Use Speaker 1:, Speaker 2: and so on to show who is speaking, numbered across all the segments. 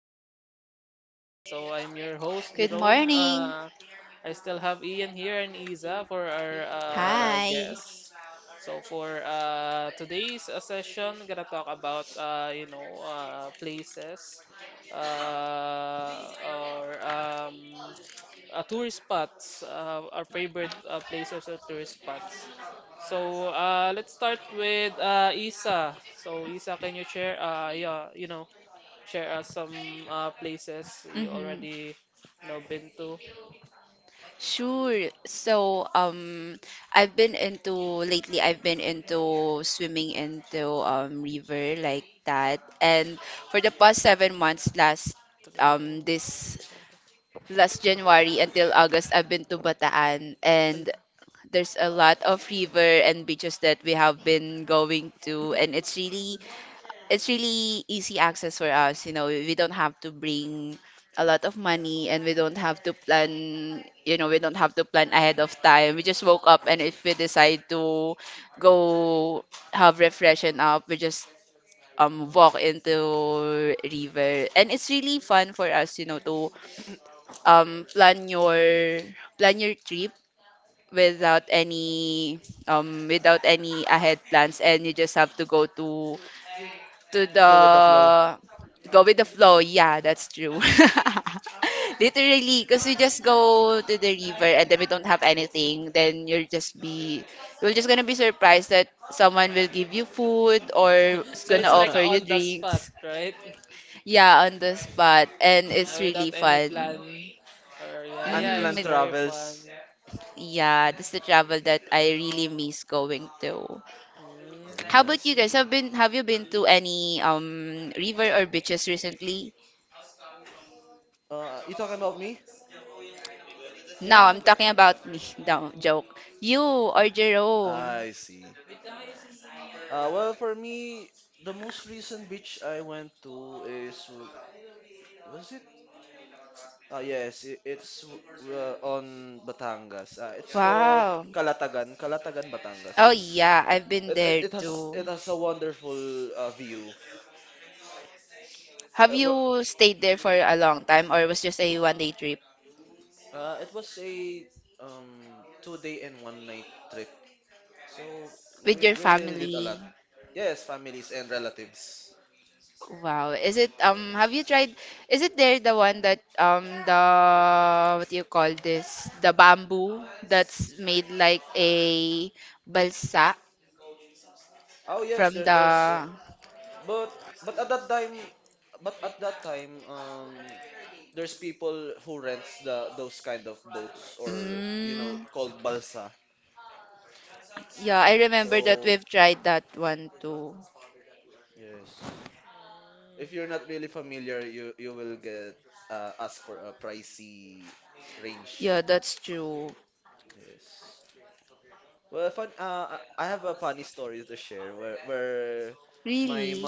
Speaker 1: back again. So I'm your host
Speaker 2: Good
Speaker 1: Jerome.
Speaker 2: morning.
Speaker 1: I still have Ian here and Isa for our
Speaker 2: Hi.
Speaker 1: guests. So for today's session, gonna talk about places or tourist spots, our favorite places or tourist spots. So let's start with Isa. So Isa, can you share? Share us some places you
Speaker 2: Mm-hmm.
Speaker 1: already, been to.
Speaker 2: Sure. I've been into lately. I've been into swimming into river like that, and for the past 7 months, um this last January until August, I've been to Bataan. And there's a lot of river and beaches that we have been going to, and it's really easy access for us. You know, we don't have to bring a lot of money, and we don't have to plan. You know, we don't have to plan ahead of time. We just woke up, and if we decide to go have refreshing up, we just walk into river, and it's really fun for us, you know, to um plan your plan your trip without any without any ahead plans, and you just have to to the go with the flow. Yeah, that's true. Literally, because we just go to the river, and then we don't have anything, then you're just gonna be surprised that someone will give you food or is
Speaker 1: So
Speaker 2: gonna
Speaker 1: it's like a
Speaker 2: offer you
Speaker 1: on the spot,
Speaker 2: drinks.
Speaker 1: right?
Speaker 2: Yeah, on the spot, and it's
Speaker 1: Without
Speaker 2: really
Speaker 1: any
Speaker 2: fun.
Speaker 1: plan, or yeah, yeah,
Speaker 2: Hmm,
Speaker 1: it's very fun.
Speaker 2: yeah, this is the travel that I really miss going to.
Speaker 1: Mm.
Speaker 2: How about you guys? Have you been to any river or beaches recently? No,
Speaker 1: Yeah.
Speaker 2: I'm talking about me. No, joke. You or Jerome?
Speaker 1: Yeah.
Speaker 2: Wow. Oh yeah, I've been there too. Have you stayed there for a long time, or was just a 1 day trip with your family? Wow. Is it have you tried, is it there the one that the what do you call this, the bamboo that's made like a balsa? from the mm, yeah, I remember that we've tried that one too.
Speaker 1: Mm.
Speaker 2: Yeah, that's true. Really?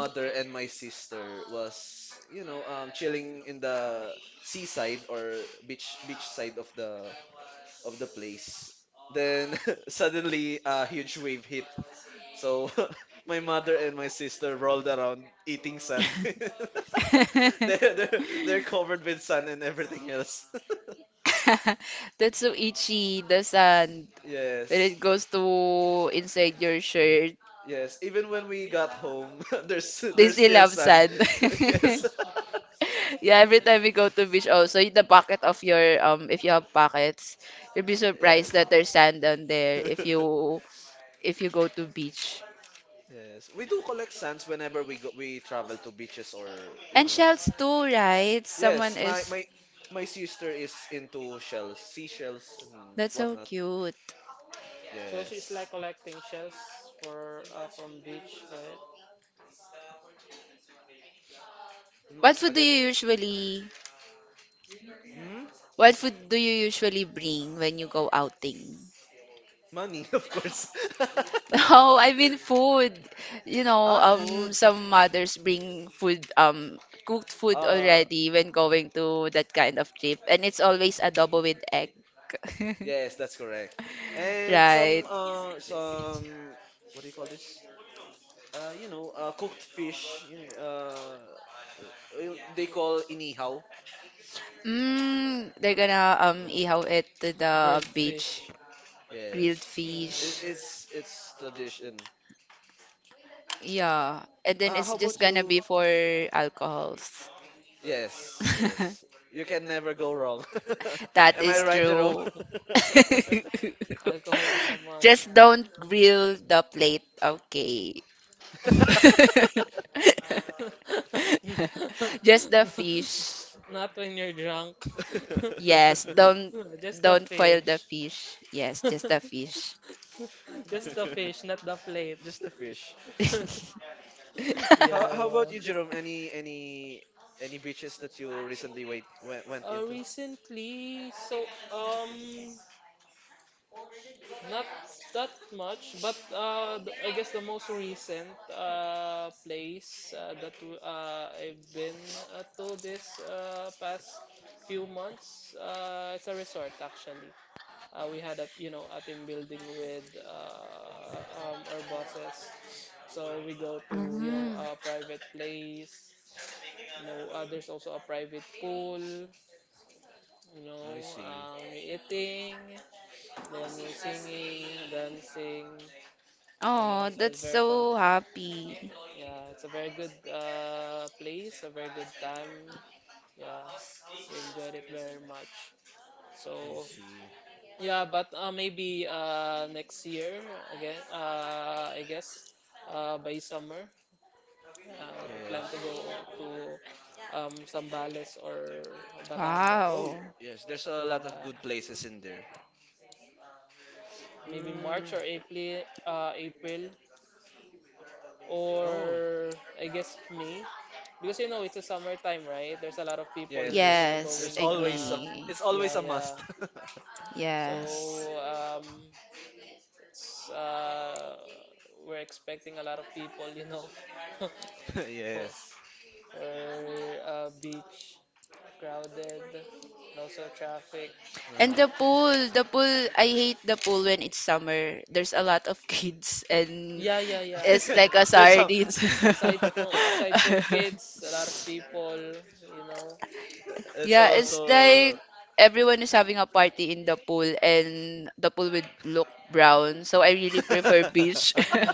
Speaker 2: That's so itchy, the sand. When it goes to inside your shirt, they still have sand. Yeah, every time we go to beach also, in the pocket of your if you have pockets, you'll be surprised that there's sand down there if you go to beach. And shells too, right? Someone is, that's so cute.
Speaker 1: So she's like collecting shells for from beach, right?
Speaker 2: What food do you usually what food do you usually bring when you go outing? No, I mean food. You know, some mothers bring food, cooked food already when going to that kind of trip, and it's always adobo with egg. Right. Mm, they're gonna ihaw it to the
Speaker 1: Grilled
Speaker 2: beach,
Speaker 1: fish.
Speaker 2: grilled fish.
Speaker 1: Yeah. Yeah.
Speaker 2: Yeah, and then it's just gonna be for alcohols. That is true.
Speaker 1: Alcohol is a must.
Speaker 2: Just don't grill the plate, okay? Just the fish.
Speaker 1: Not when you're drunk.
Speaker 2: Yes, don't
Speaker 1: Just the
Speaker 2: don't foil the
Speaker 1: fish.
Speaker 2: fish. Yes, just the fish.
Speaker 1: Just the fish, not the plates. Yeah, yeah. Recently, not that much, but I guess the most recent place I've been to this past few months it's a resort actually. We had a you know a team building with our bosses, so we go to you know
Speaker 2: Mhm.
Speaker 1: a private place. You know, there's also a private pool. You know, we're eating, then we're singing, dancing. You know,
Speaker 2: Oh,
Speaker 1: so it's
Speaker 2: that's
Speaker 1: very fun.
Speaker 2: so happy.
Speaker 1: Yeah, it's a very good place, a very good time. Yeah, we enjoyed it very much. So yeah, but maybe next year again. I guess by summer, yeah, we plan to go to Sambales or Batangas.
Speaker 2: Wow.
Speaker 1: Yeah, maybe March or April, April or I guess May, because you know it's a summertime, right? There's a lot of people, you know,
Speaker 2: Yes,
Speaker 1: going.
Speaker 2: agree.
Speaker 1: Yeah, yeah.
Speaker 2: Yes.
Speaker 1: So it's we're expecting a lot of people, you know, for for beach crowded and also traffic.
Speaker 2: And the pool, I hate the pool when it's summer. There's a lot of kids, and yeah,
Speaker 1: Yeah, yeah, yeah.
Speaker 2: it's like a sardines,
Speaker 1: Aside
Speaker 2: yeah.
Speaker 1: from aside from kids, a lot of people, you know.
Speaker 2: Yeah,
Speaker 1: So
Speaker 2: it's like everyone is having a party in the pool, and the pool would look brown. So I really prefer beach.
Speaker 1: mm,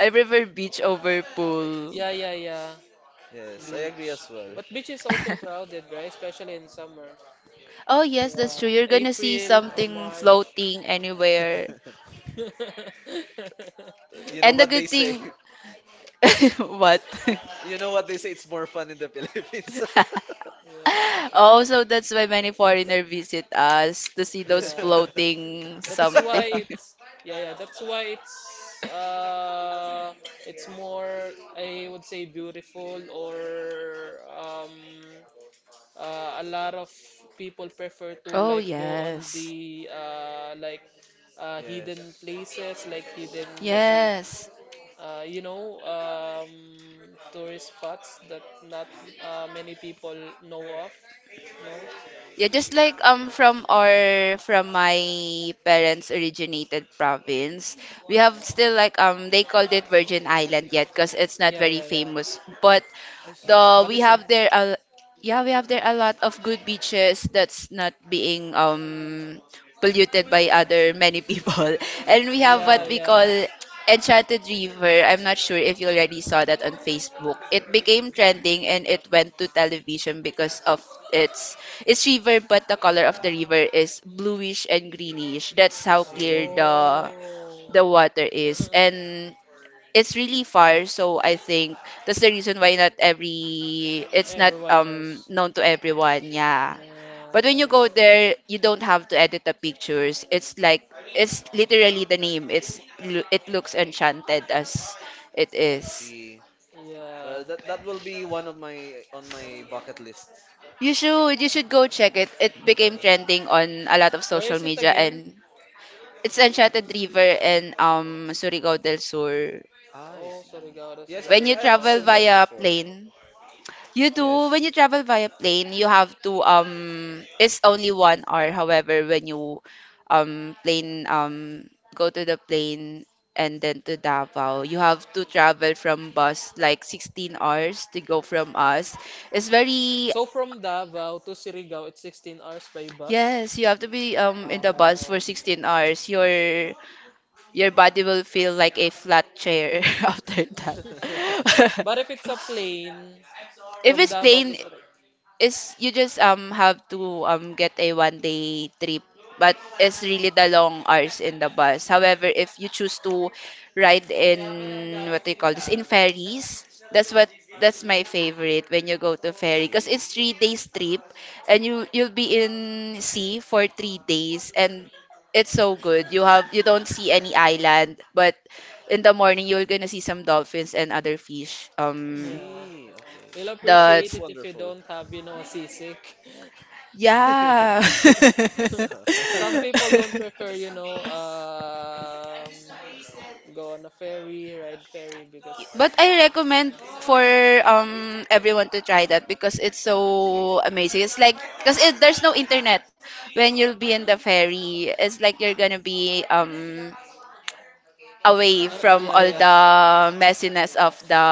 Speaker 2: I prefer beach over pool.
Speaker 1: yeah, yeah, yeah. Beach, but beach is also crowded, right? Especially in summer.
Speaker 2: Oh yes,
Speaker 1: Yeah,
Speaker 2: that's true. You're gonna see
Speaker 1: April or
Speaker 2: something
Speaker 1: March.
Speaker 2: floating anywhere. And the good thing what?
Speaker 1: Yeah.
Speaker 2: Oh, so that's why many foreigner visit us to see those
Speaker 1: yeah
Speaker 2: floating
Speaker 1: that's why
Speaker 2: something.
Speaker 1: it's yeah, yeah, that's why it's more I would say beautiful or a lot of people prefer to
Speaker 2: Oh
Speaker 1: like go on
Speaker 2: yes.
Speaker 1: the hidden places like hidden
Speaker 2: Yes.
Speaker 1: uh you know um tourist spots that not many people know of no.
Speaker 2: Yeah, just like from my parents' originated province, we have still like they called it Virgin Island yet because it's not
Speaker 1: Yeah, yeah,
Speaker 2: very
Speaker 1: yeah.
Speaker 2: famous. But the
Speaker 1: But
Speaker 2: we
Speaker 1: it's a
Speaker 2: have there a yeah, we have there a lot of good beaches that's not being polluted by other many people, and we have
Speaker 1: yeah,
Speaker 2: what we call
Speaker 1: yeah.
Speaker 2: Enchanted River. I'm not sure if you already saw that on Facebook. It became trending, and it went to television because of its it's river, but the color of the river is bluish and greenish. That's how clear the
Speaker 1: Oh.
Speaker 2: the water is, and it's really far. So I think that's the reason why not every it's not
Speaker 1: Everyone knows.
Speaker 2: known to everyone. Yeah.
Speaker 1: Yeah,
Speaker 2: But when you
Speaker 1: I,
Speaker 2: go there, you don't have to edit the pictures. It's like it's literally the name. It's it looks enchanted as it is.
Speaker 1: yeah.
Speaker 2: You should go check it. It became trending on a lot of
Speaker 1: Where
Speaker 2: social
Speaker 1: is it
Speaker 2: media,
Speaker 1: again?
Speaker 2: and it's Enchanted River in Surigao del Sur.
Speaker 1: Oh, so Surigao, that's
Speaker 2: When you
Speaker 1: very
Speaker 2: travel
Speaker 1: far.
Speaker 2: via plane, You do when you travel via plane, you have to it's only 1 hour. However, when you plane go to the plane and then to Davao, you have to travel from bus like 16 hours to go from us. It's very,
Speaker 1: So from Davao to Surigao, it's 16 hours by bus.
Speaker 2: yes, you have to be in the bus
Speaker 1: Wow.
Speaker 2: for 16 hours. Your body will feel like a flat chair after that.
Speaker 1: But if it's a plane
Speaker 2: If
Speaker 1: from
Speaker 2: it's
Speaker 1: Davao
Speaker 2: plain,
Speaker 1: to Surigao,
Speaker 2: is you just have to get a 1 day trip, but it's really the long hours in the bus. However, if you choose to ride in, what do you call this, in ferries, that's what that's my favorite when you go to ferry, because it's 3 days trip, and you'll be in sea for 3 days, and it's so good. You don't see any island, but in the morning you're gonna see some dolphins and other fish
Speaker 1: yeah, they'll
Speaker 2: the
Speaker 1: appreciate it if you don't have, you know, a seasick.
Speaker 2: Yeah.
Speaker 1: Some people don't prefer, you know, go on a ferry, ride ferry because,
Speaker 2: But I recommend for everyone to try that because it's so amazing. It's like, because it, there's no internet when you'll be in the ferry. It's like you're gonna be away from
Speaker 1: Yeah,
Speaker 2: all
Speaker 1: yeah,
Speaker 2: the messiness of the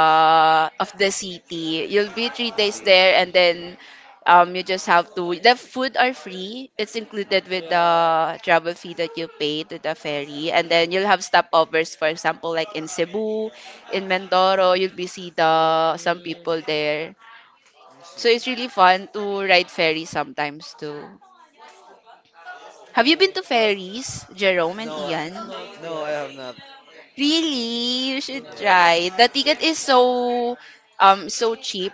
Speaker 2: of the city. You'll be 3 days there, and then you just have to. The food are free. It's included with the
Speaker 1: yeah.
Speaker 2: travel fee that you pay to the ferry, and then you'll have stopovers. For example, like in Cebu, in Mindoro, you'll be see the some
Speaker 1: Mm,
Speaker 2: people there. So it's really fun to ride ferry sometimes too. Have you been
Speaker 1: I,
Speaker 2: to ferries, Jerome and Ian?
Speaker 1: not yet.
Speaker 2: Really, you should
Speaker 1: Yeah.
Speaker 2: try. The ticket is so so cheap,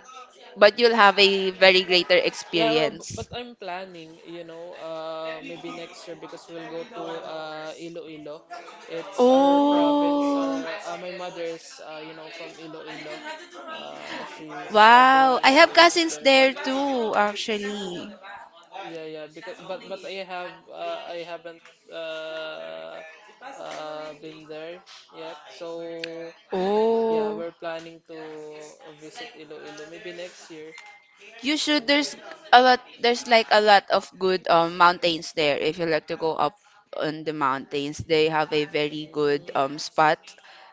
Speaker 2: but you'll have a very greater
Speaker 1: Yeah, well, b-
Speaker 2: experience.
Speaker 1: but I'm planning, you know, maybe next year because we'll go to Iloilo. It's our province.
Speaker 2: Oh,
Speaker 1: Our My mother is, you know, from Iloilo. She's
Speaker 2: wow.
Speaker 1: born
Speaker 2: I
Speaker 1: and
Speaker 2: have
Speaker 1: raised
Speaker 2: cousins
Speaker 1: there. But
Speaker 2: there too, actually.
Speaker 1: yeah, yeah, because but I have I haven't uh, been there yet. So yeah,
Speaker 2: Oh.
Speaker 1: we're planning to visit Iloilo maybe next year.
Speaker 2: You should.
Speaker 1: And,
Speaker 2: There's a lot. There's like a lot of good mountains there. If you like to go up on the mountains, they have a very good
Speaker 1: mm.
Speaker 2: spot,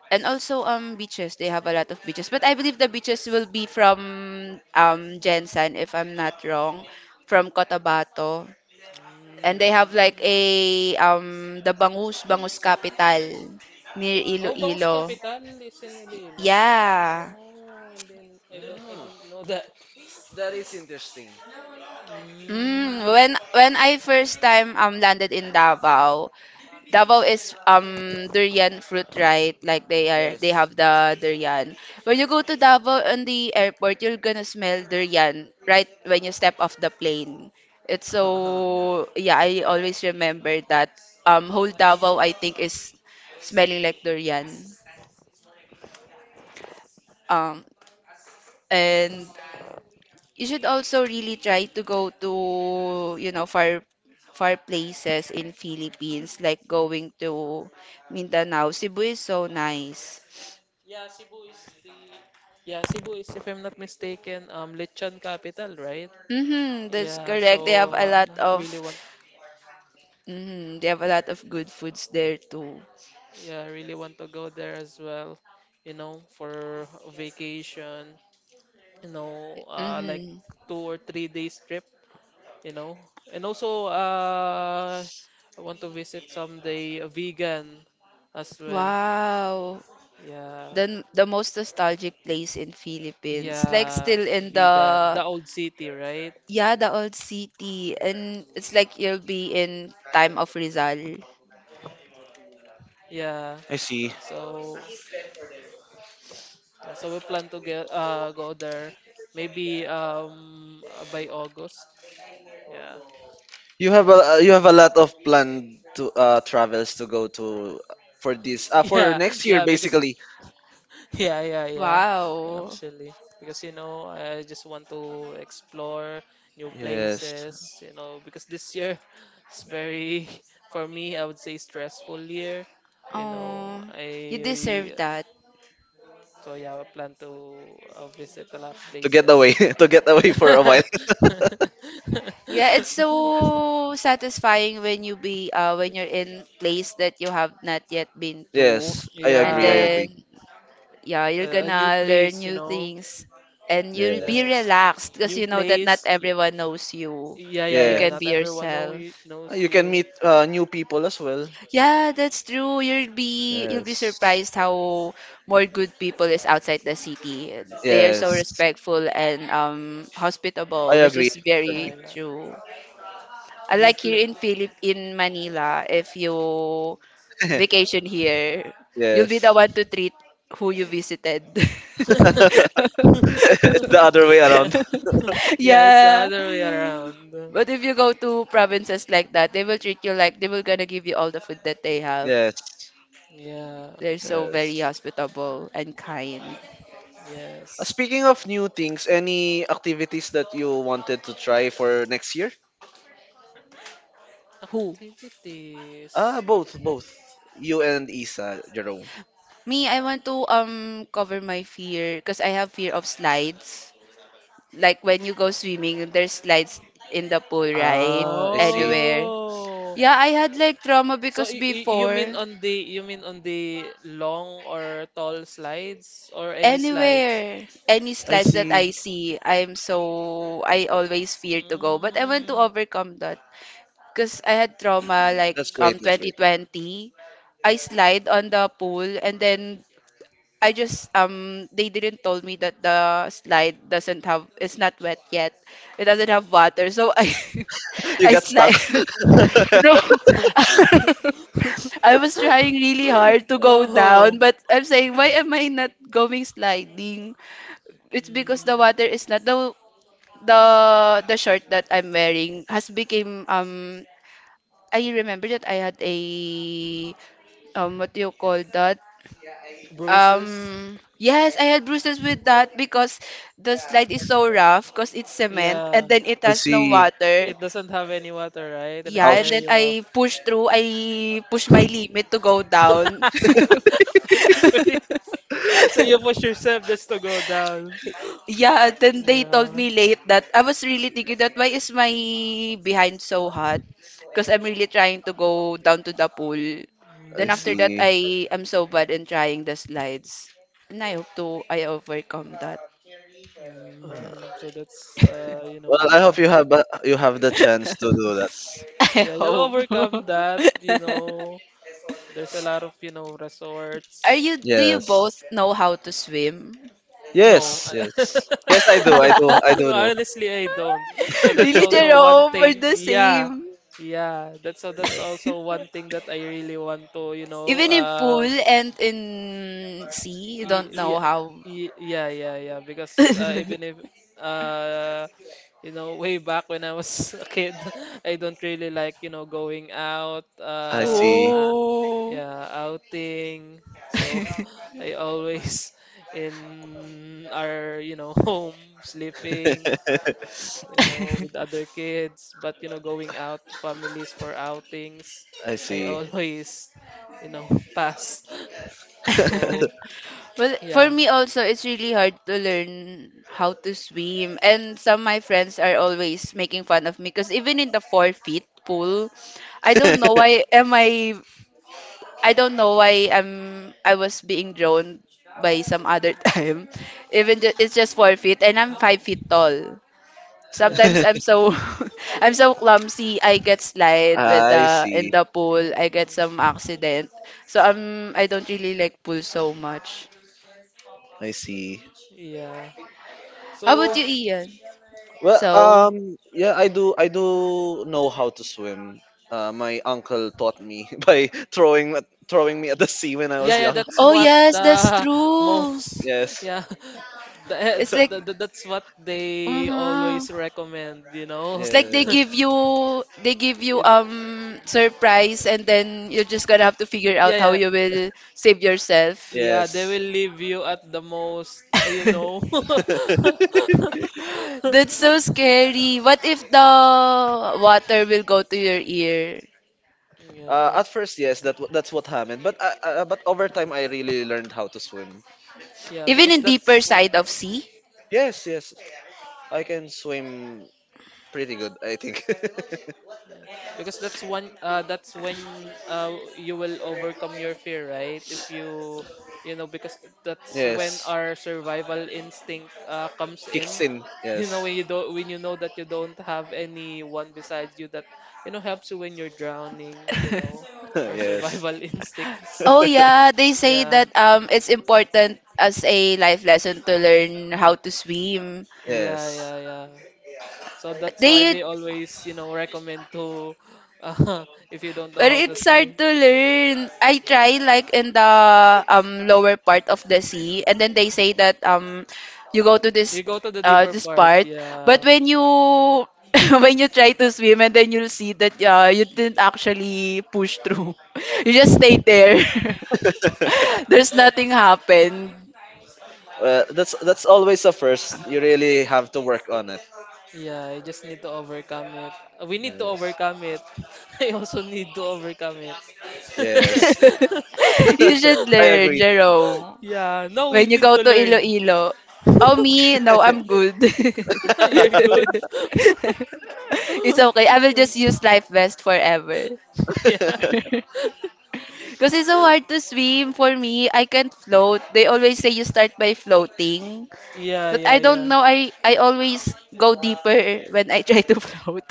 Speaker 2: and also beaches. They have a lot of beaches. But I believe the beaches will be from Jensen, if I'm not wrong, from Cotabato, and they have like a the Bangus Bangus capital near
Speaker 1: Oh, Bounce
Speaker 2: Iloilo.
Speaker 1: Capital is in Iloilo?
Speaker 2: Yeah.
Speaker 1: Oh, and then I didn't know that. Mm.
Speaker 2: Mm, when I first time landed in Davao, Davao is durian fruit, right? Like they have the durian. When you go to Davao on the airport, you're gonna smell durian right when you step off the plane. It's so yeah, I always remember that whole Davao, I think, is smelling like durian. Um and you should also really try to go to, you know, far places in Philippines, like going to Mindanao. Cebu is so nice.
Speaker 1: Yeah, Cebu is, if I'm not mistaken, Lechon capital, right?
Speaker 2: Mm-hmm, that's
Speaker 1: Yeah,
Speaker 2: correct. They have
Speaker 1: so
Speaker 2: a
Speaker 1: uh,
Speaker 2: lot
Speaker 1: I
Speaker 2: of
Speaker 1: really want,
Speaker 2: mm-hmm, they have a lot of good foods there too.
Speaker 1: yeah, I really want to go there as well, you know, for a vacation. You know, like
Speaker 2: Mm-hmm.
Speaker 1: 2 or 3 days trip, you know. And also, I want to visit someday a vegan as well.
Speaker 2: Wow.
Speaker 1: Yeah,
Speaker 2: The most nostalgic place in Philippines. Like
Speaker 1: yeah,
Speaker 2: still in the
Speaker 1: vegan. The old city, right?
Speaker 2: yeah, the old city, and it's like you'll be in time of Rizal.
Speaker 1: Yeah.
Speaker 3: I see.
Speaker 1: So, yeah, so we plan to get go there maybe by August. Yeah.
Speaker 3: You have a lot of planned to travels to go to for this for
Speaker 1: Yeah,
Speaker 3: next year
Speaker 1: yeah, because
Speaker 3: basically.
Speaker 1: yeah, yeah, yeah.
Speaker 2: Wow.
Speaker 1: Actually, because you know, I just want to explore new
Speaker 3: Yes.
Speaker 1: places, you know, because this year it's very, for me, I would say stressful year. You know,
Speaker 2: Oh, you deserve
Speaker 1: I
Speaker 2: that.
Speaker 1: so yeah, I plan to visit a lot of
Speaker 3: To get
Speaker 1: places.
Speaker 3: away to get away for a while.
Speaker 2: Yeah, it's so satisfying when you be when you're in place that you have not yet been to,
Speaker 3: Yes, I
Speaker 2: and
Speaker 3: agree. I
Speaker 1: Yeah,
Speaker 3: agree.
Speaker 2: then yeah,
Speaker 1: a
Speaker 2: you're
Speaker 1: a new
Speaker 2: gonna learn
Speaker 1: place, you
Speaker 2: new
Speaker 1: know.
Speaker 2: things, and you'll
Speaker 3: Yes.
Speaker 2: be
Speaker 1: Yes,
Speaker 2: relaxed because
Speaker 1: new
Speaker 2: you know that not
Speaker 1: place. y-
Speaker 2: everyone knows you.
Speaker 1: yeah, yeah,
Speaker 2: You
Speaker 3: Yes.
Speaker 1: yeah.
Speaker 2: can
Speaker 1: Not
Speaker 2: be
Speaker 1: everyone know
Speaker 2: yourself.
Speaker 1: you,
Speaker 3: Uh,
Speaker 1: knows
Speaker 3: You can
Speaker 1: you.
Speaker 3: meet new people as well.
Speaker 2: Yeah, that's true. You'll be
Speaker 3: Yes.
Speaker 2: surprised how more good people is outside the city. They are so
Speaker 3: Yes.
Speaker 2: respectful and
Speaker 3: I
Speaker 2: hospitable, which
Speaker 3: agree.
Speaker 2: is
Speaker 3: I
Speaker 1: Yeah,
Speaker 3: agree.
Speaker 2: very
Speaker 1: yeah.
Speaker 2: true.
Speaker 1: New
Speaker 2: Like here
Speaker 1: play.
Speaker 2: in Philip in Manila, if you vacation here, you'll be the
Speaker 3: Yes.
Speaker 2: one to treat who you visited.
Speaker 3: It's the other way
Speaker 1: Yeah.
Speaker 3: around.
Speaker 1: Yeah, it's the
Speaker 2: Yeah.
Speaker 1: other way around.
Speaker 2: But if you go to provinces like that, they will treat you like they will gonna give you all the food that they have.
Speaker 3: Yes.
Speaker 1: Yeah.
Speaker 2: They're so very
Speaker 3: Yes.
Speaker 2: hospitable and kind.
Speaker 3: Uh,
Speaker 1: Yes.
Speaker 3: Speaking of new things, any activities that you wanted to try for next year?
Speaker 2: Who?
Speaker 1: Activities.
Speaker 3: Ah, both, both. You and Isa, Jerome.
Speaker 2: Me, I want to cover my fear because I have fear of slides. Like when you go swimming, there's slides in the pool, right?
Speaker 3: Ah, I see.
Speaker 2: Anywhere.
Speaker 1: Oh.
Speaker 2: Yeah, I had like trauma
Speaker 1: So
Speaker 2: because
Speaker 1: you
Speaker 2: before,
Speaker 1: mean on the you mean on the long or tall slides or any slides?
Speaker 2: anywhere, any
Speaker 3: I
Speaker 2: slides that
Speaker 3: see.
Speaker 2: I see, I'm so, I always fear to go. But I want to
Speaker 1: Mm.
Speaker 2: overcome that because I had trauma like
Speaker 3: That's great. That's great.
Speaker 2: 2020. I slide on the pool, and then I just they didn't told me that the slide doesn't have, it's not wet yet. It doesn't have water. So I
Speaker 3: You
Speaker 2: I
Speaker 3: got stuck.
Speaker 2: slide no I was trying really hard to go down,
Speaker 1: Oh,
Speaker 2: but I'm saying why am I not going sliding? It's because the
Speaker 1: mm,
Speaker 2: water is not the the the shirt that I'm wearing has become I remember that I had a what do you call that?
Speaker 1: bruises.
Speaker 2: Yes, I had bruises with that because the slide is so rough because it's cement
Speaker 1: Yeah,
Speaker 2: and then it
Speaker 3: I
Speaker 2: has no
Speaker 3: see.
Speaker 2: water.
Speaker 1: it doesn't have any water, right? And it's
Speaker 2: Yeah,
Speaker 3: Ouch.
Speaker 2: and then
Speaker 1: very
Speaker 2: I
Speaker 1: rough.
Speaker 2: pushed through. I pushed my limit to go down.
Speaker 1: Usually, so you push yourself just to go down.
Speaker 2: Yeah, then they told
Speaker 1: Yeah.
Speaker 2: me late that I was really thinking that why is my behind so hot? Because I'm really trying to go down to the pool.
Speaker 3: I
Speaker 2: Then after
Speaker 1: Mm,
Speaker 2: that,
Speaker 3: see.
Speaker 2: I am so bad in trying the slides. And I hope to I overcome that.
Speaker 3: Uh,
Speaker 1: mm, so that's
Speaker 3: Well, I hope you have the chance to do that.
Speaker 2: I
Speaker 1: yeah, you'll
Speaker 2: hope.
Speaker 1: overcome that. You know, there's a lot of you know
Speaker 2: Are
Speaker 1: resorts.
Speaker 2: you do you
Speaker 3: Yes.
Speaker 2: both know how to swim?
Speaker 1: No.
Speaker 3: Yes. Yes. Yes, I do. I
Speaker 1: No.
Speaker 3: do. I do know.
Speaker 1: Honestly, I don't. So that's
Speaker 2: Really,
Speaker 1: also one
Speaker 2: Jerome, we're
Speaker 1: thing.
Speaker 2: the
Speaker 1: Yeah.
Speaker 2: same.
Speaker 1: Yeah. That's so that's
Speaker 3: Yeah.
Speaker 1: also one thing that I really want to, you know,
Speaker 2: Even in pool
Speaker 1: um.
Speaker 2: and in sea, you don't
Speaker 1: Y-
Speaker 2: know
Speaker 1: yeah,
Speaker 2: how.
Speaker 1: yeah, yeah, yeah. Because even if uh, you know, way back when I was a kid, I don't really like you know going out
Speaker 3: I
Speaker 1: on
Speaker 3: see.
Speaker 1: a
Speaker 2: Oh.
Speaker 1: yeah outing. So I always in our you know home sleeping you know with other kids. But you know going out families for outings,
Speaker 3: I
Speaker 1: I
Speaker 3: see.
Speaker 1: always you know pass. So
Speaker 2: Well, for
Speaker 1: yeah.
Speaker 2: me also, it's really hard to learn how to swim. And some of my friends are always making fun of me because even in the 4 feet pool, I don't know why am I I don't know why I was being drawn by some other time. Even it's just 4 feet and I'm 5 feet tall.
Speaker 1: Yeah.
Speaker 2: Sometimes I'm so I'm so clumsy. I get slide with
Speaker 3: I
Speaker 2: the
Speaker 3: see.
Speaker 2: in the
Speaker 1: And,
Speaker 2: pool. I get some accident. So I don't really like pool so much.
Speaker 3: I see.
Speaker 1: yeah.
Speaker 2: How about
Speaker 1: So
Speaker 2: you, Ian?
Speaker 3: Well,
Speaker 2: So,
Speaker 3: um, yeah, I do. I do know how to swim. My uncle taught me by throwing throwing me at the sea when I
Speaker 1: yeah,
Speaker 3: was
Speaker 1: yeah,
Speaker 3: young.
Speaker 1: that's
Speaker 2: oh
Speaker 1: what
Speaker 2: yes, that's
Speaker 1: the
Speaker 2: true.
Speaker 1: most
Speaker 3: Yes,
Speaker 1: yeah.
Speaker 2: It's like,
Speaker 1: That's what they
Speaker 2: mm-hmm.
Speaker 1: always recommend, you know.
Speaker 2: It's like
Speaker 3: yes,
Speaker 2: they give you
Speaker 1: It-
Speaker 2: surprise, and then you're just gonna have to figure
Speaker 1: yeah,
Speaker 2: out how
Speaker 1: yeah,
Speaker 2: you will save yourself.
Speaker 1: yeah. They
Speaker 3: yes.
Speaker 1: will leave you at the most, you know.
Speaker 2: That's so scary. What if the water will go to your ear?
Speaker 1: yeah,
Speaker 3: At first, yes, that's what happened. But but over time, I really learned how to swim.
Speaker 1: yeah,
Speaker 2: Even
Speaker 1: because
Speaker 2: in deeper
Speaker 1: that's. So-
Speaker 2: side of sea?
Speaker 3: Yes, yes, I can swim pretty good. I think.
Speaker 1: Yeah. Because that's one that's when you will overcome your fear, right? If you you know because that's when
Speaker 3: Yes,
Speaker 1: our survival instinct comes in.
Speaker 3: kicks in.
Speaker 1: You know
Speaker 3: Yes,
Speaker 1: when you don't when you know that you don't have anyone besides you that you know helps you when you're drowning, you know, our
Speaker 3: yes.
Speaker 1: survival instincts.
Speaker 2: Oh yeah, they say
Speaker 1: Yeah.
Speaker 2: that it's important as a life lesson to learn how to swim.
Speaker 1: Yeah,
Speaker 3: Yes.
Speaker 1: yeah, yeah. So that's why
Speaker 2: They
Speaker 1: they always, you know, recommend to uh, if you don't know
Speaker 2: But
Speaker 1: how to
Speaker 2: it's hard
Speaker 1: swim.
Speaker 2: to learn. I try like in the lower part of the sea, and then they say that you go to this
Speaker 1: You go to the deeper
Speaker 2: this
Speaker 1: part,
Speaker 2: part, but
Speaker 1: yeah.
Speaker 2: when you when you try to swim, and then you'll see that you didn't actually push through. You just stayed there. There's nothing happened.
Speaker 3: Well, that's always a first. You really have to work on it.
Speaker 1: Yeah, you just need to overcome it. We need to
Speaker 3: Yes.
Speaker 1: overcome it. I also need to overcome it.
Speaker 3: Yes.
Speaker 2: You should
Speaker 3: I
Speaker 2: learn,
Speaker 3: agree.
Speaker 2: Jerome.
Speaker 1: Yeah, no, we
Speaker 2: When you
Speaker 1: need
Speaker 2: go
Speaker 1: to
Speaker 2: to
Speaker 1: learn.
Speaker 2: Iloilo. Oh, me? No, I'm good.
Speaker 1: You're good.
Speaker 2: It's okay. I will just use life vest forever.
Speaker 1: Yeah.
Speaker 2: Because it's so hard to swim for me. I can't float. They always say you start by floating.
Speaker 1: Yeah,
Speaker 2: But
Speaker 1: yeah,
Speaker 2: I don't
Speaker 1: yeah.
Speaker 2: know. I always go deeper when I try to float.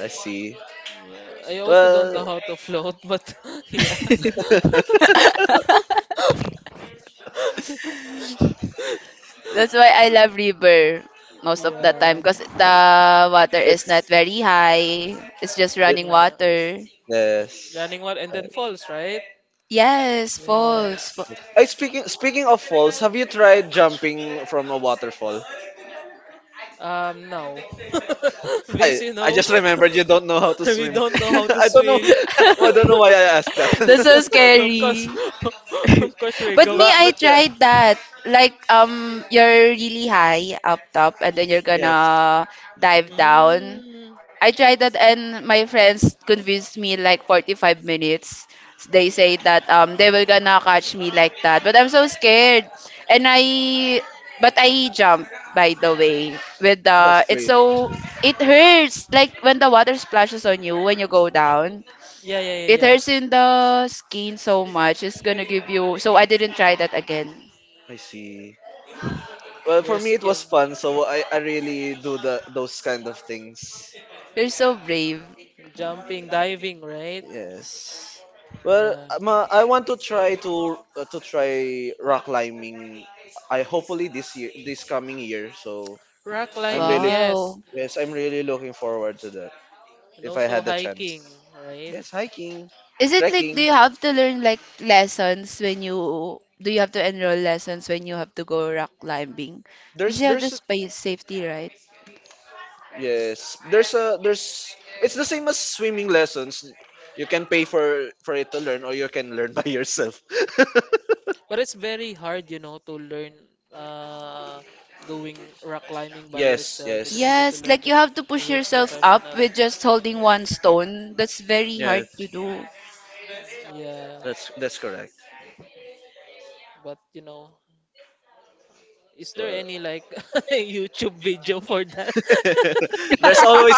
Speaker 3: I see.
Speaker 1: Yeah, I also don't know
Speaker 3: Well,
Speaker 1: how to float, but yeah.
Speaker 2: That's why I love river most of the time
Speaker 1: Yeah.
Speaker 2: because the water is not
Speaker 3: it's
Speaker 2: very high. It's just
Speaker 3: it,
Speaker 2: running
Speaker 1: Yeah.
Speaker 2: water.
Speaker 3: yes.
Speaker 1: Running one and then falls, right?
Speaker 2: Yes, falls.
Speaker 1: Yes.
Speaker 3: I speaking speaking of falls, have you tried jumping from a waterfall?
Speaker 1: No. Because
Speaker 3: I
Speaker 1: you know,
Speaker 3: just remembered you don't know how to
Speaker 1: we
Speaker 3: swim.
Speaker 1: don't know how to
Speaker 3: I don't know.
Speaker 1: swim.
Speaker 3: I don't know why I asked that.
Speaker 2: That's so
Speaker 1: Of course,
Speaker 2: scary.
Speaker 1: of course we're
Speaker 2: But me,
Speaker 1: going.
Speaker 3: But
Speaker 2: I
Speaker 3: yeah,
Speaker 2: tried that. Like, you're really high up top and then you're
Speaker 3: yes,
Speaker 2: gonna dive down.
Speaker 1: Mm.
Speaker 2: I tried that and my friends convinced me like 45 minutes. They say that they were gonna catch me like that. But I'm so scared. And I but I jump, by the way, with
Speaker 3: that's
Speaker 2: the it's
Speaker 3: great. That's
Speaker 2: so
Speaker 3: great.
Speaker 2: it hurts like when the water splashes on you when you go down.
Speaker 1: Yeah, yeah, yeah,
Speaker 2: It
Speaker 1: yeah.
Speaker 2: hurts in the skin so much. It's gonna give you. So I didn't try that again.
Speaker 3: I see. Well,
Speaker 1: Your
Speaker 3: for me it
Speaker 1: skin.
Speaker 3: was fun, so I really do the those kind of things.
Speaker 2: You're so brave.
Speaker 1: Jumping, diving, right?
Speaker 3: Yes. Well,
Speaker 1: Yeah.
Speaker 3: I want to try rock climbing. I hopefully this year, this coming year. So
Speaker 1: Rock
Speaker 3: I'm
Speaker 1: climbing,
Speaker 3: really
Speaker 1: yes.
Speaker 2: Wow.
Speaker 3: yes, I'm really looking forward to that.
Speaker 1: And
Speaker 3: If I
Speaker 1: also
Speaker 3: had the chance,
Speaker 1: hiking, right?
Speaker 3: yes, hiking,
Speaker 2: Is it like do
Speaker 3: trekking.
Speaker 2: you have to learn like lessons when you do you have to enroll lessons when you have to go rock climbing? You
Speaker 3: There's
Speaker 2: still have the
Speaker 3: there's
Speaker 2: space safety, right?
Speaker 3: yes, there's a there's it's the same as swimming lessons. You can pay for it to learn, or you can learn by yourself.
Speaker 1: But it's very hard, you know, to learn uh going rock climbing by
Speaker 3: Yes,
Speaker 1: yourself because you need to
Speaker 3: yes,
Speaker 2: Yes,
Speaker 1: learn
Speaker 2: like
Speaker 1: it
Speaker 2: you have to push
Speaker 1: with
Speaker 2: yourself up
Speaker 1: professional.
Speaker 2: with just holding one stone. That's very
Speaker 3: yes.
Speaker 2: hard
Speaker 1: Mm,
Speaker 2: to do.
Speaker 1: yeah.
Speaker 3: That's correct.
Speaker 1: But you know, is there
Speaker 3: Well,
Speaker 1: any like YouTube video for that?
Speaker 3: there's always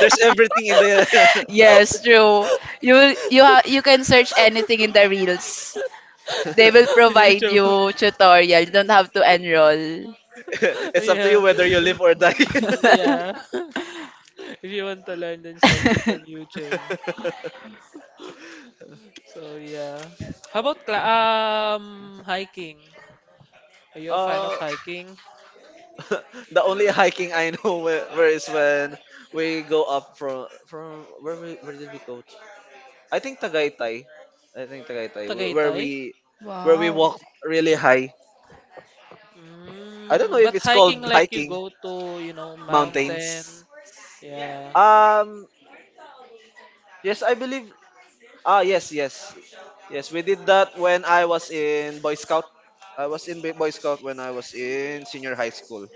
Speaker 3: there's everything in the.
Speaker 2: Yes, true. You can search anything in the reels. They will provide
Speaker 1: YouTube.
Speaker 2: you tutorial. You don't have to enroll.
Speaker 3: It's up to you
Speaker 1: Yeah.
Speaker 3: whether you live or die.
Speaker 1: Yeah. If you want to learn then search it on YouTube. So yeah. How about hiking? Are you a fan of
Speaker 3: uh,
Speaker 1: hiking?
Speaker 3: the only hiking I know where is when we go up from where where did we go? To? I think Tagaytay. I think Tagaytay
Speaker 1: Tagaytay?
Speaker 3: where we
Speaker 2: Wow.
Speaker 3: walk really high. I don't know
Speaker 1: Mm,
Speaker 3: if
Speaker 1: but
Speaker 3: it's
Speaker 1: hiking
Speaker 3: called
Speaker 1: like you
Speaker 3: hiking
Speaker 1: go to, you know, mountain.
Speaker 3: mountains.
Speaker 1: Yeah.
Speaker 3: Um yes, I believe Ah, yes, yes. Yes, we did that when I was in Boy Scout. I was in Boy Scout when I was in senior high school.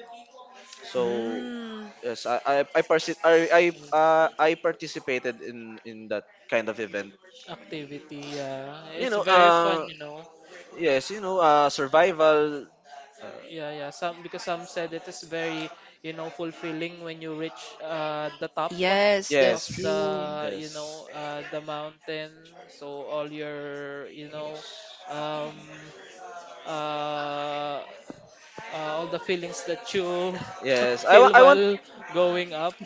Speaker 3: So,
Speaker 1: Mm,
Speaker 3: yes, I, parsi- I participated in that kind of event.
Speaker 1: activity, yeah.
Speaker 3: You
Speaker 1: It's
Speaker 3: know,
Speaker 1: very fun, you know.
Speaker 3: yes, you know, survival uh,
Speaker 1: Yeah, yeah. Some because some said it is very, you know, fulfilling when you reach the top
Speaker 2: Yes,
Speaker 1: of
Speaker 2: that's
Speaker 1: the,
Speaker 3: yes,
Speaker 2: true.
Speaker 1: you know,
Speaker 3: yes.
Speaker 1: the mountain. So all your, you know,
Speaker 3: Yes.
Speaker 1: um uh, all the feelings that you feel
Speaker 3: I want
Speaker 1: while going up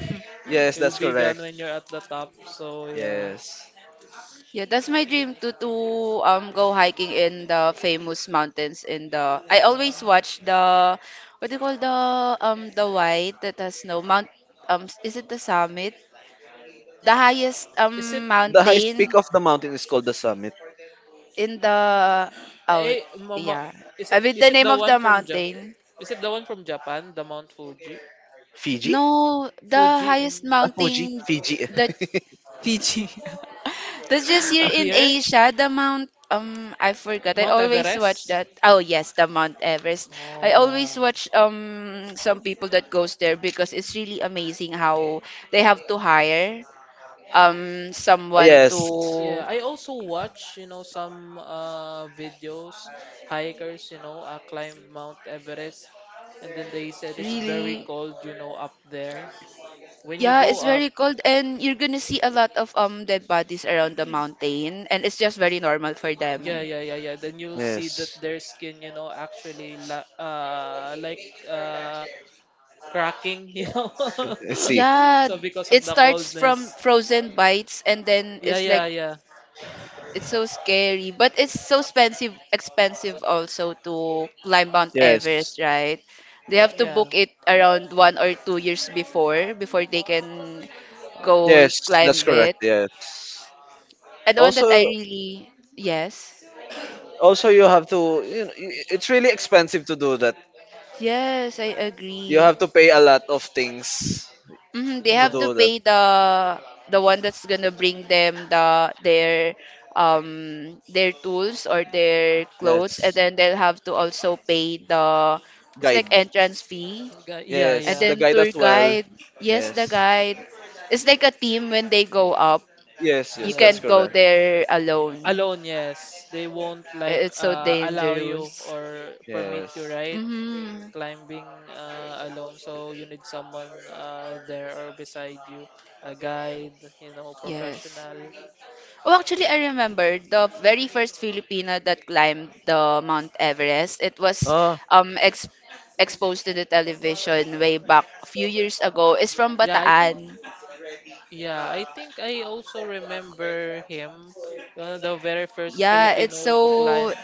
Speaker 3: Yes,
Speaker 1: will
Speaker 3: that's
Speaker 1: be gone
Speaker 3: correct.
Speaker 1: when you're at the top. So yeah,
Speaker 3: Yes.
Speaker 2: Yeah, that's my dream to go hiking in the famous mountains in the I
Speaker 1: yeah.
Speaker 2: always watch the what do you call the white that has snow mount, is it the summit? The highest
Speaker 1: Is it
Speaker 3: The highest peak
Speaker 2: mountain
Speaker 3: of the mountain is called the summit.
Speaker 2: in the oh
Speaker 1: eh mama?
Speaker 2: yeah. I mean
Speaker 1: Is
Speaker 2: the
Speaker 1: it
Speaker 2: name
Speaker 1: the
Speaker 2: of
Speaker 1: one
Speaker 2: the
Speaker 1: from Japan?
Speaker 2: mountain.
Speaker 1: Is it the one from Japan? The Mount Fuji?
Speaker 3: Fiji?
Speaker 2: No, the
Speaker 1: Fuji
Speaker 2: highest
Speaker 3: Ah, Fuji?
Speaker 2: mountain
Speaker 3: Fiji.
Speaker 2: that Fiji. That's just here in
Speaker 1: here?
Speaker 2: Asia, the Mount, I forgot. I
Speaker 1: Mount
Speaker 2: always watch
Speaker 1: Everest?
Speaker 2: that. Oh yes, the Mount Everest.
Speaker 1: Oh
Speaker 2: I
Speaker 1: yeah.
Speaker 2: always watch some people that goes there because it's really amazing how they have to hire someone
Speaker 3: yes.
Speaker 1: Yeah,
Speaker 2: to
Speaker 1: I also watch, you know, some videos, hikers, you know, climb Mount Everest, and then they said it's very
Speaker 2: really
Speaker 1: cold, you know, up there. When you
Speaker 2: yeah,
Speaker 1: go
Speaker 2: it's
Speaker 1: up,
Speaker 2: very cold and you're gonna see a lot of dead bodies around the mountain and it's just very normal for them.
Speaker 1: yeah, yeah, yeah, yeah, then you'll see that
Speaker 3: Yes.
Speaker 1: their skin, you know, actually la like cracking, you know.
Speaker 3: I see.
Speaker 2: Yeah,
Speaker 1: So because of
Speaker 2: it
Speaker 1: the
Speaker 2: starts from
Speaker 1: coldness.
Speaker 2: frozen bites and then
Speaker 1: Yeah,
Speaker 2: it's like
Speaker 1: yeah, yeah.
Speaker 2: it's so scary, but it's so expensive also to climb Mount
Speaker 3: Yes.
Speaker 2: Everest, right? They have to
Speaker 1: Yeah.
Speaker 2: book it around 1 or 2 years before they can go
Speaker 3: Yes,
Speaker 2: climb
Speaker 3: that's correct.
Speaker 2: it.
Speaker 3: Yes.
Speaker 2: And the one that I
Speaker 3: Also,
Speaker 2: really yes.
Speaker 3: you have to. You know, it's really expensive to do that.
Speaker 2: Yes, I
Speaker 3: You
Speaker 2: agree.
Speaker 3: have to pay a lot of things
Speaker 2: Hmm, they
Speaker 3: to
Speaker 2: have
Speaker 1: Yeah.
Speaker 2: to
Speaker 3: do that.
Speaker 2: pay the one that's gonna bring them their tools or their clothes and
Speaker 3: Yes.
Speaker 2: then they'll have to also pay the it's like
Speaker 3: Guide.
Speaker 2: entrance fee
Speaker 1: Yeah,
Speaker 2: and
Speaker 3: Yes.
Speaker 1: yeah.
Speaker 3: The
Speaker 2: then
Speaker 3: guide as
Speaker 2: tour
Speaker 3: well.
Speaker 2: guide yes the
Speaker 3: Yes.
Speaker 2: guide it's like a team when they go up
Speaker 3: Yes.
Speaker 2: you
Speaker 3: Yes.
Speaker 1: Yeah.
Speaker 3: That's
Speaker 2: can't go
Speaker 3: correct.
Speaker 2: there alone
Speaker 1: Alone, yes. They won't like
Speaker 2: it's so
Speaker 1: allow you
Speaker 2: dangerous.
Speaker 1: or permit you,
Speaker 3: Yes.
Speaker 1: right?
Speaker 2: Mm-hmm.
Speaker 1: Climbing alone, so you need someone there or beside you, a guide, you know,
Speaker 2: Yes.
Speaker 1: professional.
Speaker 2: Oh, actually, I remember the very first Filipino that climbed the Mount Everest. It was
Speaker 3: Ah.
Speaker 2: ex exposed to the television way back a few years ago. It's from
Speaker 1: Yeah, I think.
Speaker 2: Bataan.
Speaker 1: Yeah, I think I also remember him, one of the very first
Speaker 2: Yeah, it's
Speaker 1: Filipino to climb.
Speaker 2: so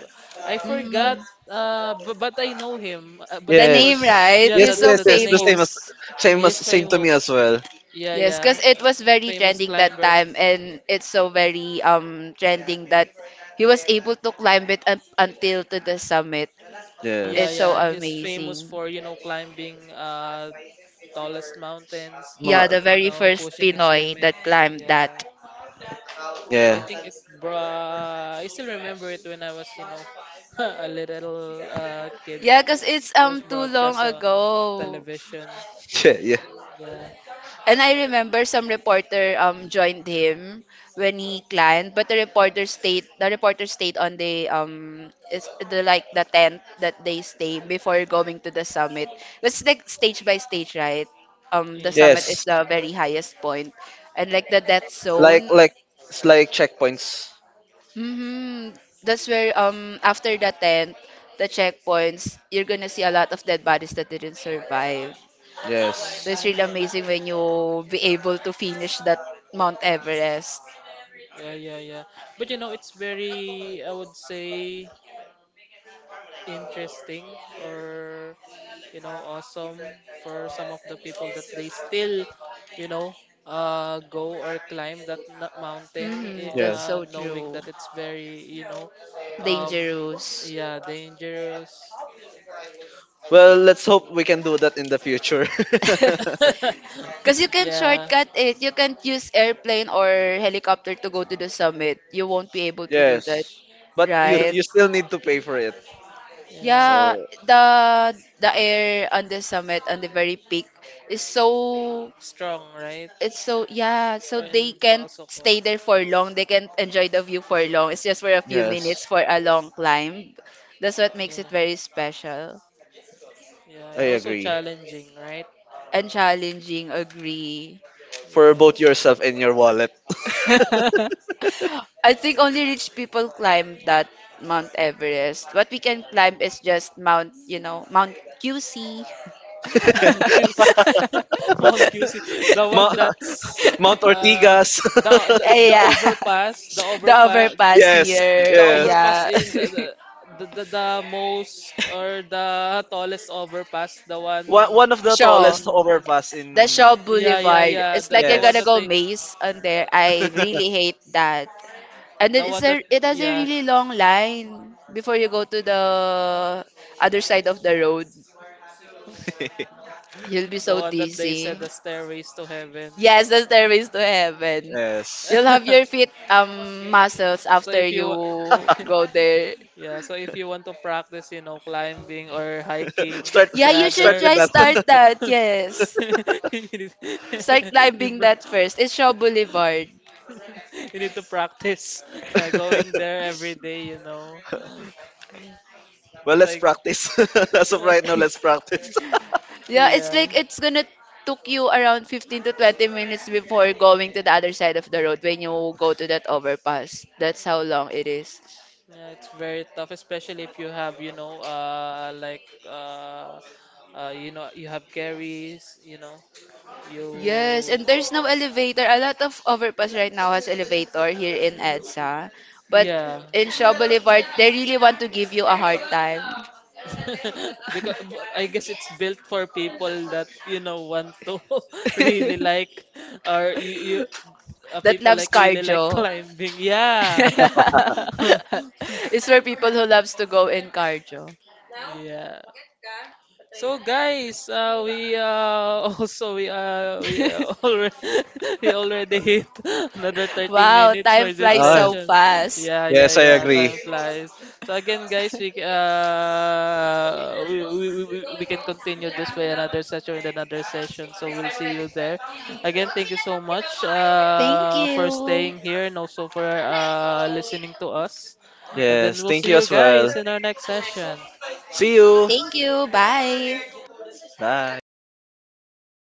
Speaker 1: I forgot,
Speaker 2: mhm.
Speaker 1: b but I know him, but
Speaker 2: The
Speaker 1: I
Speaker 3: Yes.
Speaker 2: name,
Speaker 1: forgot.
Speaker 2: right?
Speaker 1: Yeah,
Speaker 3: Yes.
Speaker 2: Is so
Speaker 3: Yes.
Speaker 1: the
Speaker 3: Yes. The same
Speaker 1: name.
Speaker 3: as
Speaker 2: famous.
Speaker 1: He is
Speaker 3: same to me
Speaker 1: famous.
Speaker 3: as well.
Speaker 1: Yeah,
Speaker 2: Yes,
Speaker 1: yeah,
Speaker 2: because it was very
Speaker 1: famous
Speaker 2: trending that
Speaker 1: climber.
Speaker 2: time, and it's so very trending that he was able to climb it up until to the summit.
Speaker 1: Yeah,
Speaker 2: It's so
Speaker 3: Yes.
Speaker 1: yeah. He's famous
Speaker 2: amazing.
Speaker 1: for, you know, climbing tallest mountains,
Speaker 2: Yeah,
Speaker 3: Mga.
Speaker 2: the
Speaker 1: you
Speaker 2: very
Speaker 1: know,
Speaker 2: first
Speaker 1: pushing his
Speaker 2: Pinoy that
Speaker 1: limits.
Speaker 2: climbed
Speaker 1: Yeah.
Speaker 2: that.
Speaker 3: Yeah.
Speaker 1: I still remember it when I was, you know, a little kid.
Speaker 2: Yeah, because it's
Speaker 1: It was
Speaker 2: too long
Speaker 1: broadcast on
Speaker 2: ago.
Speaker 1: television.
Speaker 3: Yeah.
Speaker 1: Yeah.
Speaker 2: And I remember some reporter joined him when he climbed, but the reporter stayed on the is the like the tent that they stay before going to the summit. It's like stage by stage, right? Um, the
Speaker 1: Yeah.
Speaker 2: summit is
Speaker 3: Yes,
Speaker 2: the very highest point. And like the death zone.
Speaker 3: like it's like checkpoints.
Speaker 2: Hmm. That's where after the tent, the checkpoints, you're gonna see a lot of dead bodies that didn't survive. So
Speaker 3: Yes.
Speaker 2: it's really
Speaker 1: Mm.
Speaker 2: amazing when you be able to finish that Mount Everest.
Speaker 1: Yeah, yeah, yeah. But you know, it's very, I would say, interesting or you know awesome for some of the people that they still you know go or climb that mountain
Speaker 2: Hmm.
Speaker 3: Yeah.
Speaker 2: That's so
Speaker 1: knowing
Speaker 2: true.
Speaker 1: that it's very you know um
Speaker 2: Dangerous.
Speaker 1: yeah dangerous
Speaker 3: Well, let's hope we can do that in the future.
Speaker 2: Because you can
Speaker 1: yeah
Speaker 2: shortcut it. You can't use airplane or helicopter to go to the summit. You won't be able to do that,
Speaker 3: yes. But
Speaker 2: right?
Speaker 3: you still need to pay for it.
Speaker 1: yeah
Speaker 2: Yeah,
Speaker 3: So,
Speaker 2: the the air on the summit on the very peak is so
Speaker 1: strong right.
Speaker 2: it's so, yeah, so
Speaker 1: Oh,
Speaker 2: they
Speaker 1: and
Speaker 2: can't
Speaker 1: also
Speaker 2: stay there for long. They can't enjoy the view for long. It's just for a few minutes
Speaker 3: yes,
Speaker 2: for a long climb. That's what makes
Speaker 1: yeah
Speaker 2: it very special
Speaker 1: yeah
Speaker 3: I
Speaker 1: and also
Speaker 3: agree.
Speaker 1: challenging right.
Speaker 2: and challenging. Agree.
Speaker 3: For
Speaker 1: Yeah.
Speaker 3: both yourself and your wallet.
Speaker 2: I think only rich people climb that Mount Everest. What we can climb is just Mount, you know, Mount QC.
Speaker 1: Mount QC. Mount QC. The one
Speaker 3: Ma-
Speaker 1: that's
Speaker 3: Mount
Speaker 1: uh
Speaker 3: Ortigas.
Speaker 1: the the, the
Speaker 2: Yeah,
Speaker 1: overpass,
Speaker 2: the overpass
Speaker 3: yes.
Speaker 2: here.
Speaker 1: the
Speaker 3: Yes.
Speaker 1: overpass
Speaker 2: Yeah,
Speaker 1: in the most or the tallest overpass, the one
Speaker 3: One, one of the
Speaker 2: Shaw,
Speaker 3: tallest
Speaker 1: in
Speaker 3: overpass
Speaker 2: the
Speaker 3: in
Speaker 2: Shaw
Speaker 1: yeah yeah
Speaker 2: Boulevard.
Speaker 1: yeah
Speaker 2: It's
Speaker 1: the
Speaker 2: like
Speaker 1: the
Speaker 2: you're
Speaker 1: one
Speaker 2: gonna
Speaker 1: that
Speaker 3: yes.
Speaker 2: go
Speaker 1: they
Speaker 2: maze on there.
Speaker 1: uh,
Speaker 2: I really hate that. And then
Speaker 1: the
Speaker 2: it's
Speaker 1: one that
Speaker 2: a it has a
Speaker 1: yeah
Speaker 2: really long line before you go to the other side of the road. You'll be
Speaker 1: the
Speaker 2: so
Speaker 1: one that they
Speaker 2: dizzy.
Speaker 1: said the stairways to heaven.
Speaker 2: Yes, the stairways to heaven. You'll
Speaker 3: Yes.
Speaker 2: have your feet muscles
Speaker 1: so
Speaker 2: after
Speaker 1: if
Speaker 2: you
Speaker 1: you wa-
Speaker 2: go there.
Speaker 1: Yeah, so if you want to practice, you know, climbing or hiking,
Speaker 3: Start
Speaker 2: Yeah, you
Speaker 3: start
Speaker 2: should
Speaker 1: rather,
Speaker 3: with
Speaker 2: try
Speaker 3: that.
Speaker 1: you
Speaker 2: start that. Yes.
Speaker 1: need,
Speaker 2: Start
Speaker 1: you
Speaker 2: climbing
Speaker 1: pra-
Speaker 2: that first. It's Shaw Boulevard.
Speaker 1: you need to practice. Yeah, going there every day, you know.
Speaker 3: Well,
Speaker 1: But
Speaker 3: let's
Speaker 1: I,
Speaker 3: practice. as of right now, let's practice.
Speaker 2: Yeah, it's
Speaker 1: yeah,
Speaker 2: like it's gonna took you around 15 to 20 minutes before going to the other side of the road when you go to that overpass. That's how long it is.
Speaker 1: yeah, it's very tough, especially if you have, you know, uh, you know, you have carries,
Speaker 2: Yes,
Speaker 1: you,
Speaker 2: and there's no elevator. A lot of overpass right now has elevator here in EDSA. But
Speaker 1: yeah,
Speaker 2: in Shaw Boulevard, they really want to give you a hard time.
Speaker 1: because I guess it's built for people that you know want to really like or you
Speaker 2: That
Speaker 1: people
Speaker 2: loves
Speaker 1: like really like
Speaker 2: cardio.
Speaker 1: climbing. Yeah.
Speaker 2: It's for people who loves to go in cardio.
Speaker 1: Yeah. So guys, we also we already we already hit another 30
Speaker 2: Wow,
Speaker 1: minutes
Speaker 2: time
Speaker 1: for this
Speaker 2: flies
Speaker 3: Ah,
Speaker 2: so
Speaker 1: session.
Speaker 2: fast.
Speaker 1: Yeah, yeah,
Speaker 3: yes, I
Speaker 1: yeah.
Speaker 3: agree.
Speaker 1: Time flies. So again, guys, we c- we can continue this way another session in another session. So we'll see you there. Again, thank you so much
Speaker 2: Thank
Speaker 1: for
Speaker 2: you.
Speaker 1: staying here and also for listening to us. And then
Speaker 3: Yes,
Speaker 1: we'll
Speaker 3: thank
Speaker 1: see
Speaker 3: you
Speaker 1: you
Speaker 3: as well.
Speaker 1: guys in our next session.
Speaker 3: See you.
Speaker 2: Thank you. Bye.
Speaker 3: Bye.